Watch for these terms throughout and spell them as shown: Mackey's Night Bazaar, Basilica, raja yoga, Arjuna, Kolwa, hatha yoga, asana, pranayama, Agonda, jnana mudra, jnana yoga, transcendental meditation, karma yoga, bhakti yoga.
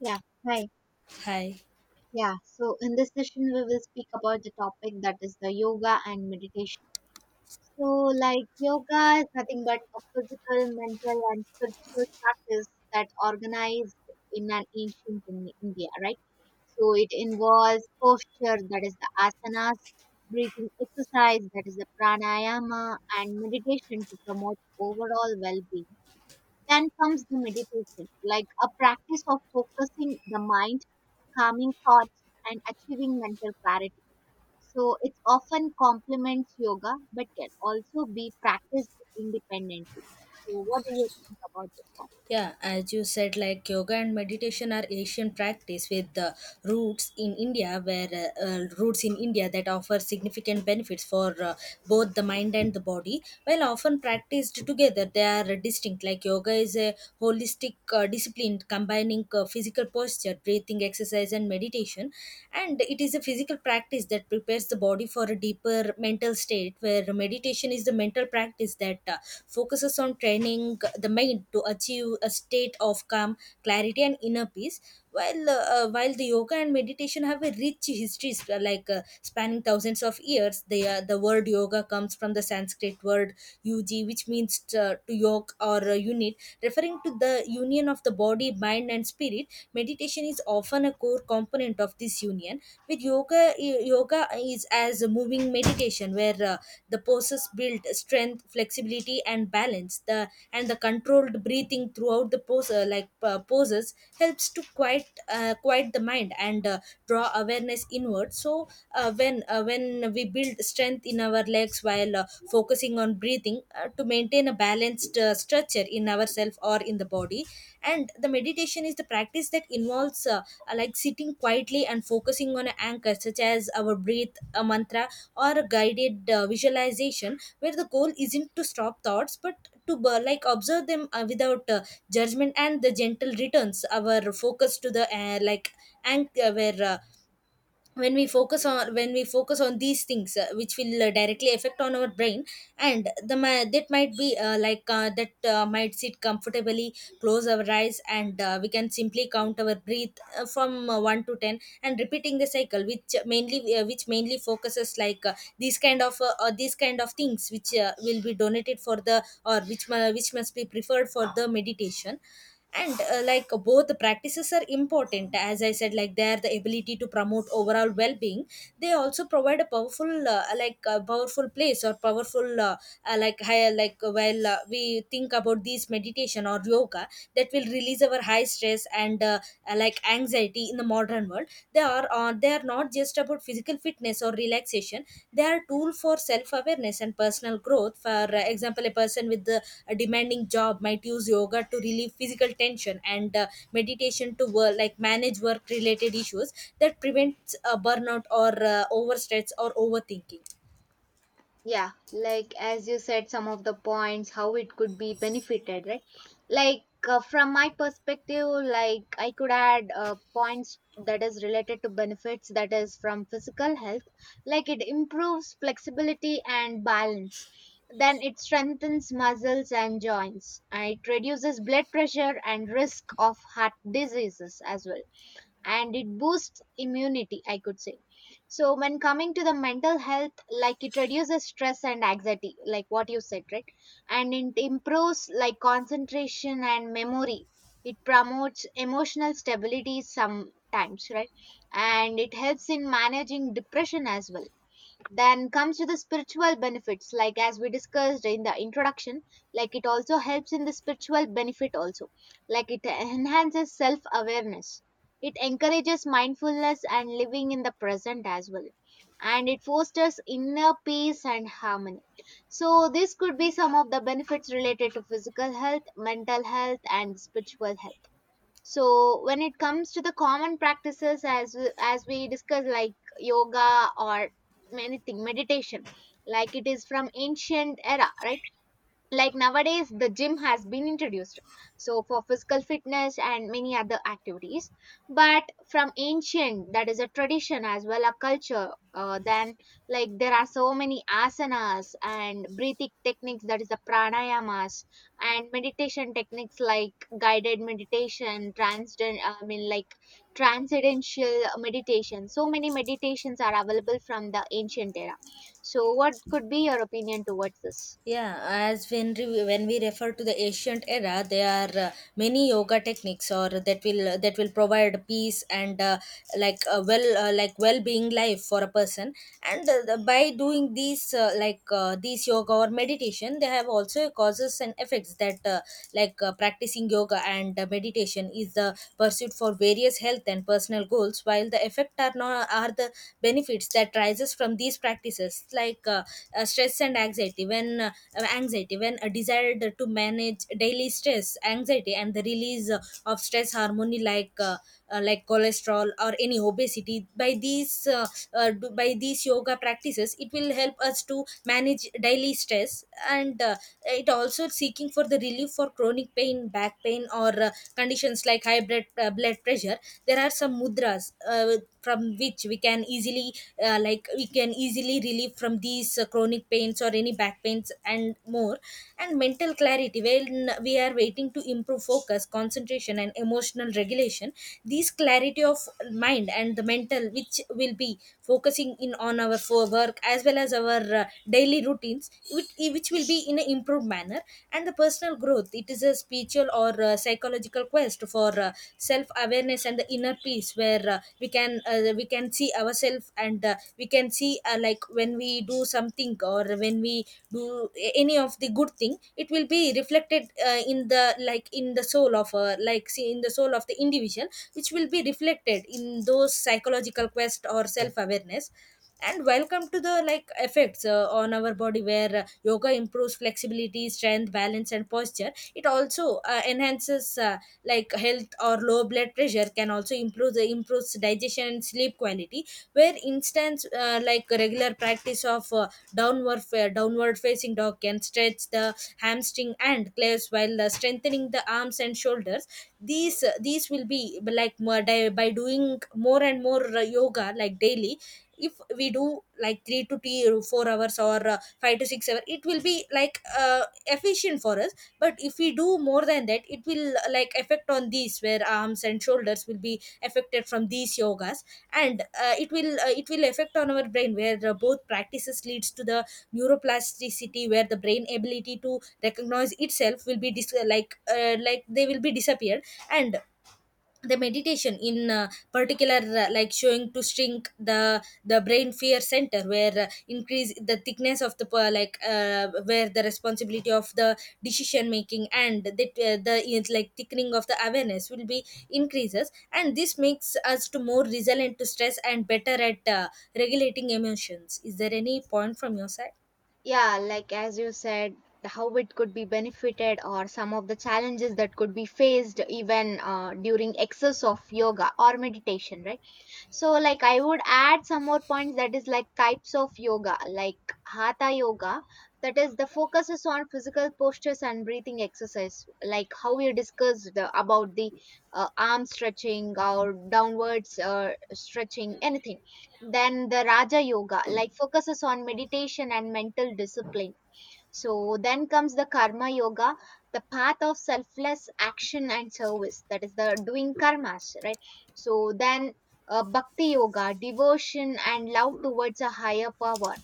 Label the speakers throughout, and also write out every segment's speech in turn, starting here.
Speaker 1: Yeah, hi.
Speaker 2: Hi.
Speaker 1: Yeah, so in this session, we will speak about the topic that is the yoga and meditation. So, like, yoga is nothing but a physical, mental, and spiritual practice that organized in an ancient in India, right? So, it involves posture, that is the asanas, breathing exercise, that is the pranayama, and meditation to promote overall well being. Then comes the meditation, like a practice of focusing the mind, calming thoughts, and achieving mental clarity. So it often complements yoga, but can also be practiced independently. So what do you think about this topic?
Speaker 2: Yeah, as you said, like yoga and meditation are Asian practice with the roots in India, where roots in India that offer significant benefits for both the mind and the body. While often practiced together, they are distinct. Like yoga is a holistic discipline combining physical posture, breathing exercise, and meditation, and it is a physical practice that prepares the body for a deeper mental state where meditation is the mental practice that focuses on training the mind to achieve a state of calm clarity and inner peace while the yoga and meditation have a rich histories spanning thousands of years the word yoga comes from the sanskrit word yuji which means to yoke or unit referring to the union of the body, mind, and spirit, meditation is often a core component of this union. With yoga, yoga is as a moving meditation where the poses build strength, flexibility, and balance. The and the controlled breathing throughout the pose, poses, helps to quiet the mind and draw awareness inward. So when we build strength in our legs while focusing on breathing to maintain a balanced structure in ourselves or in the body and the meditation is the practice that involves like sitting quietly and focusing on an anchor such as our breath, a mantra or a guided visualization where the goal isn't to stop thoughts but to like observe them without judgment and the gentle returns our focus to the like anchor where when we focus on when we focus on these things which will directly affect on our brain and the that might be that might sit comfortably, close our eyes and we can simply count our breath from 1 to 10 and repeating the cycle which mainly focuses like these kind of things which will be donated for the or which must be preferred for the meditation, and like both the practices are important. As I said, like they are the ability to promote overall well-being, they also provide a powerful like a powerful place or powerful like higher like while we think about these meditation or yoga that will release our high stress and like anxiety in the modern world. They are not just about physical fitness or relaxation, they are tool for self awareness and personal growth. For example, a person with the, a demanding job might use yoga to relieve physical tension and meditation to work like manage work related issues that prevents burnout or overstress or overthinking.
Speaker 1: Yeah, like as you said, some of the points how it could be benefited, right? Like from my perspective, like I could add points that is related to benefits, that is from physical health. Like it improves flexibility and balance, then it strengthens muscles and joints, and it reduces blood pressure and risk of heart diseases as well, and it boosts immunity, I could say. So when coming to the mental health, like it reduces stress and anxiety, like what you said, right? And it improves like concentration and memory, it promotes emotional stability sometimes, right? And it helps in managing depression as well. Then comes to the spiritual benefits, like as we discussed in the introduction, like it also helps in the spiritual benefit also, like it enhances self awareness, it encourages mindfulness and living in the present as well, and it fosters inner peace and harmony. So this could be some of the benefits related to physical health, mental health, and spiritual health. So when it comes to the common practices, as we discussed, like yoga or anything meditation, like it is from ancient era, right? Like nowadays the gym has been introduced, so for physical fitness and many other activities, but from ancient that is a tradition as well, a culture. Then like there are so many asanas and breathing techniques, that is the pranayamas, and meditation techniques like guided meditation, transcend I mean like transcendental meditation. So many meditations are available from the ancient era. So what could be your opinion towards this?
Speaker 2: Yeah, as when we refer to the ancient era, there are many yoga techniques or that will that will provide peace and like a well being life for a person. And by doing these like these yoga or meditation, they have also causes and effects that like practicing yoga and meditation is the pursuit for various health and personal goals, while the effect are not are the benefits that that rises from these practices. Like stress and anxiety when a desire to manage daily stress anxiety and the release of stress hormone like cholesterol or any obesity, by these by these yoga practices it will help us to manage daily stress. And it also seeking for the relief for chronic pain, back pain or conditions like high blood, blood pressure. There are some mudras from which we can easily we can easily relieve from these chronic pains or any back pains and more. And mental clarity when we are waiting to improve focus, concentration and emotional regulation, these clarity of mind and the mental which will be focusing in on our for work as well as our daily routines which will be in an improved manner. And the personal growth, it is a spiritual or psychological quest for self awareness and the inner peace, where we can see ourselves and we can see like when we do something or when we any of the good thing, it will be reflected in the like in the soul of like see in the soul of the individual which will be reflected in those psychological quest or self awareness. And welcome to the like effects on our body where yoga improves flexibility, strength, balance and posture. It also enhances like health or low blood pressure, can also improve the improves digestion and sleep quality. Where instance like regular practice of downward facing dog can stretch the hamstring and claves while strengthening the arms and shoulders. These will be like by doing more and more yoga like daily, if we do like 3 to 4 hours or 5 to 6 hours, it will be like efficient for us. But if we do more than that, it will like affect on these where arms and shoulders will be affected from these yogas. And it will affect on our brain where both practices leads to the neuroplasticity where the brain ability to recognize itself will be like they will be disappeared. And the meditation in particular like showing to shrink the brain fear center where increase the thickness of the where the responsibility of the decision making, and that the it's like thickening of the awareness will be increases, and this makes us to more resilient to stress and better at regulating emotions. Is there any point from your side?
Speaker 1: Yeah, like as you said, how it could be benefited, or some of the challenges that could be faced even during excess of yoga or meditation, right? So, like, I would add some more points, that is like types of yoga, like hatha yoga, that is the focus is on physical postures and breathing exercise, like how we discussed about the arm stretching or downwards stretching, anything. Then the raja yoga, like, focuses on meditation and mental discipline. So then comes the karma yoga, the path of selfless action and service, that is the doing karmas, right? So then bhakti yoga, devotion and love towards a higher power.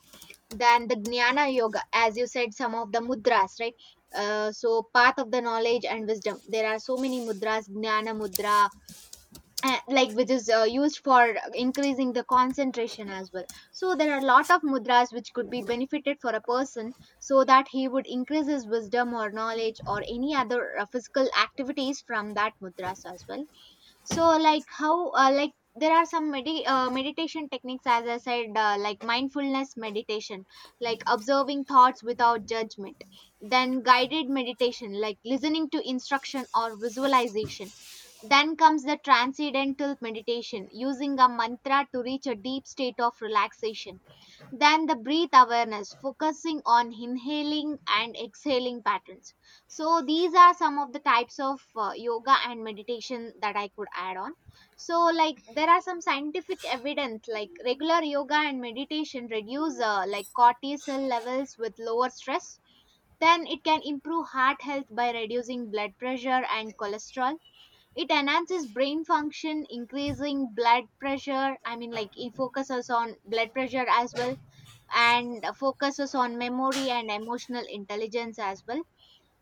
Speaker 1: Then the jnana yoga, as you said, some of the mudras, right? So path of the knowledge and wisdom. There are so many mudras, jnana mudra, like which is used for increasing the concentration as well. So there are a lot of mudras which could be benefited for a person, so that he would increase his wisdom or knowledge or any other physical activities from that mudras as well. So like how like there are some meditation techniques, as I said, like mindfulness meditation, like observing thoughts without judgment. Then guided meditation, like listening to instruction or visualization. Then comes the transcendental meditation, using a mantra to reach a deep state of relaxation. Then the breath awareness, focusing on inhaling and exhaling patterns. So, these are some of the types of yoga and meditation that I could add on. So, like, there are some scientific evidence, like regular yoga and meditation reduce like cortisol levels with lower stress. Then it can improve heart health by reducing blood pressure and cholesterol. It enhances brain function, increasing blood pressure. I mean, like, it focuses on blood pressure as well, and focuses on memory and emotional intelligence as well,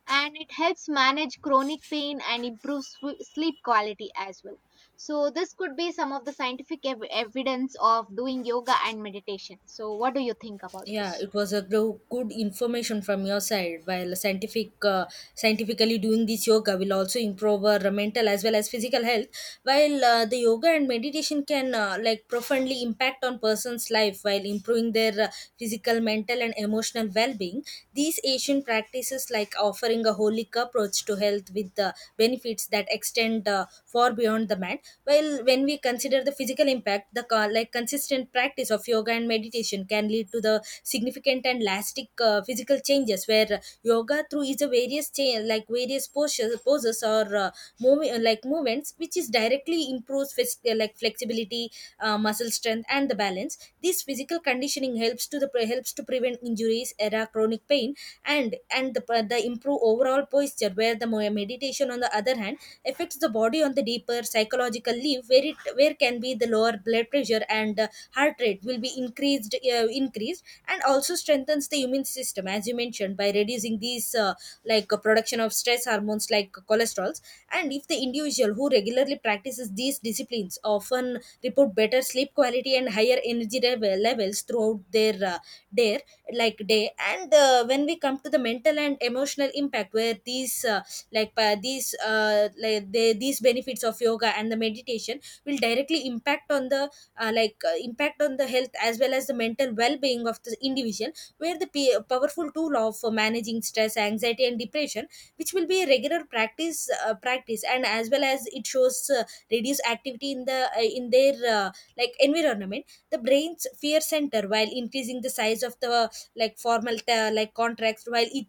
Speaker 1: and it helps manage chronic pain and improves sleep quality as well. So this could be some of the scientific evidence of doing yoga and meditation. So what do you think about
Speaker 2: Yeah,
Speaker 1: this?
Speaker 2: it was a good information from your side. While scientifically doing this yoga will also improve our mental as well as physical health. While the yoga and meditation can like profoundly impact on person's life while improving their physical, mental, and emotional well-being. These Asian practices choices like offering a holistic approach to health with the benefits that extend far beyond the man. While when we consider the physical impact, the like consistent practice of yoga and meditation can lead to the significant and lasting physical changes, where yoga through is a like various postures, poses or moving like movements which is directly improves like flexibility, muscle strength and the balance. This physical conditioning helps to the helps to prevent injuries era chronic pain and the improve overall posture. Where the meditation on the other hand affects the body on the deeper psychological level, where it where can be the lower blood pressure and heart rate will be increased, and also strengthens the immune system, as you mentioned, by reducing these production of stress hormones like cholesterols. And if the individual who regularly practices these disciplines often report better sleep quality and higher levels throughout their day day. And when we come to the mental and emotional impact, where these these benefits of yoga and the meditation will directly impact on the impact on the health as well as the mental well-being of the individual. Where the powerful tool of managing stress, anxiety and depression, which will be a regular practice, and as well as it shows reduced activity in the in their like environment, the brain's fear center, while increasing the size of the like like contracts while it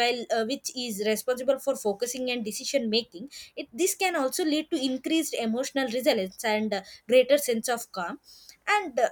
Speaker 2: while which is responsible for focusing and decision making. It this can also lead to increased emotional resilience and greater sense of calm. And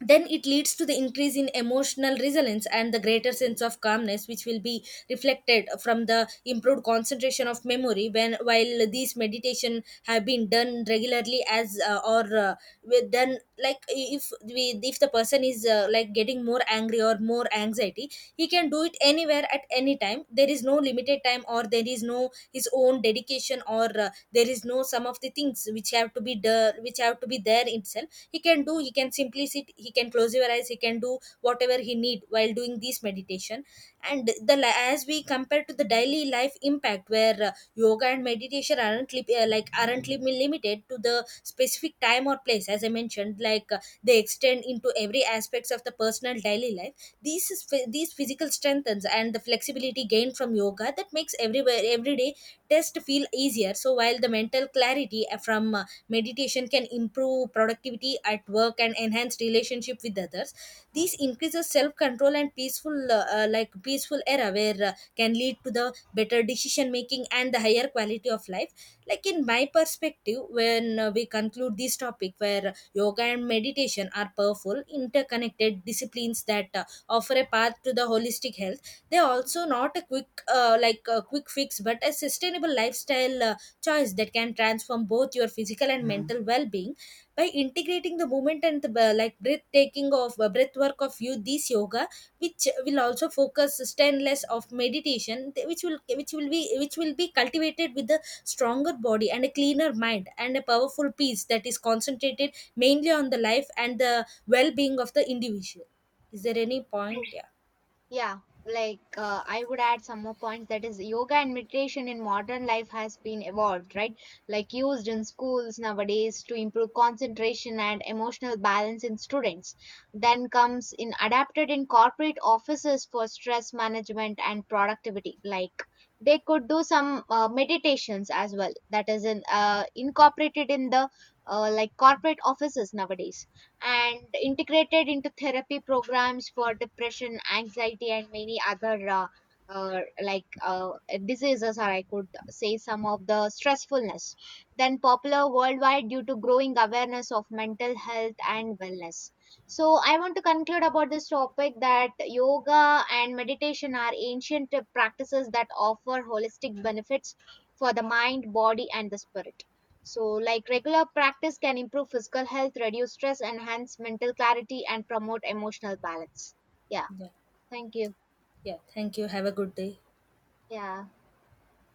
Speaker 2: then it leads to the increase in emotional resilience and the greater sense of calmness which will be reflected from the improved concentration of memory when while these meditation have been done regularly, as done like if we, if the person is like getting more angry or more anxiety, he can do it anywhere at any time. There is no limited time or there is no his own dedication or there is no some of the things which have to be done which have to be there itself. He can do, he can simply sit, he can close your eyes, he can do whatever he need while doing this meditation. And the as we compare to the daily life impact where yoga and meditation aren't limited to the specific time or place. As I mentioned, like they extend into every aspects of the personal daily life. These is, these physical strengthens and the flexibility gained from yoga that makes everywhere every day test feel easier. So while the mental clarity from meditation can improve productivity at work and enhance relationship with others, this increases self control and peaceful like peaceful era where can lead to the better decision making and the higher quality of life. Like in my perspective, when we conclude this topic, where yoga and meditation are powerful interconnected disciplines that offer a path to the holistic health. They are also not a quick a quick fix but a sustainable lifestyle choice that can transform both your physical and mental well-being by integrating the movement and the like breathtaking of breath work of you, this yoga which will also focus stainless of meditation which will be which will be cultivated with a stronger body and a cleaner mind and a powerful peace that is concentrated mainly on the life and the well-being of the individual. Is there any point?
Speaker 1: So
Speaker 2: Yeah,
Speaker 1: yeah, like I would add some more points, that is yoga and meditation in modern life has been evolved, right? Like used in schools nowadays to improve concentration and emotional balance in students. Then comes in adapted in corporate offices for stress management and productivity. Like they could do some meditations as well, that is in incorporated in the like corporate offices nowadays, and integrated into therapy programs for depression, anxiety, and many other uh, like uh, diseases, or I could say some of the stressfulness. Then popular worldwide due to growing awareness of mental health and wellness. So I want to conclude about this topic, that yoga and meditation are ancient practices that offer holistic benefits for the mind, body, and the spirit. So, like regular practice can improve physical health, reduce stress, enhance mental clarity, and promote emotional balance. Yeah,
Speaker 2: yeah,
Speaker 1: thank you.
Speaker 2: yeah, thank you. Have a good day.
Speaker 1: Yeah.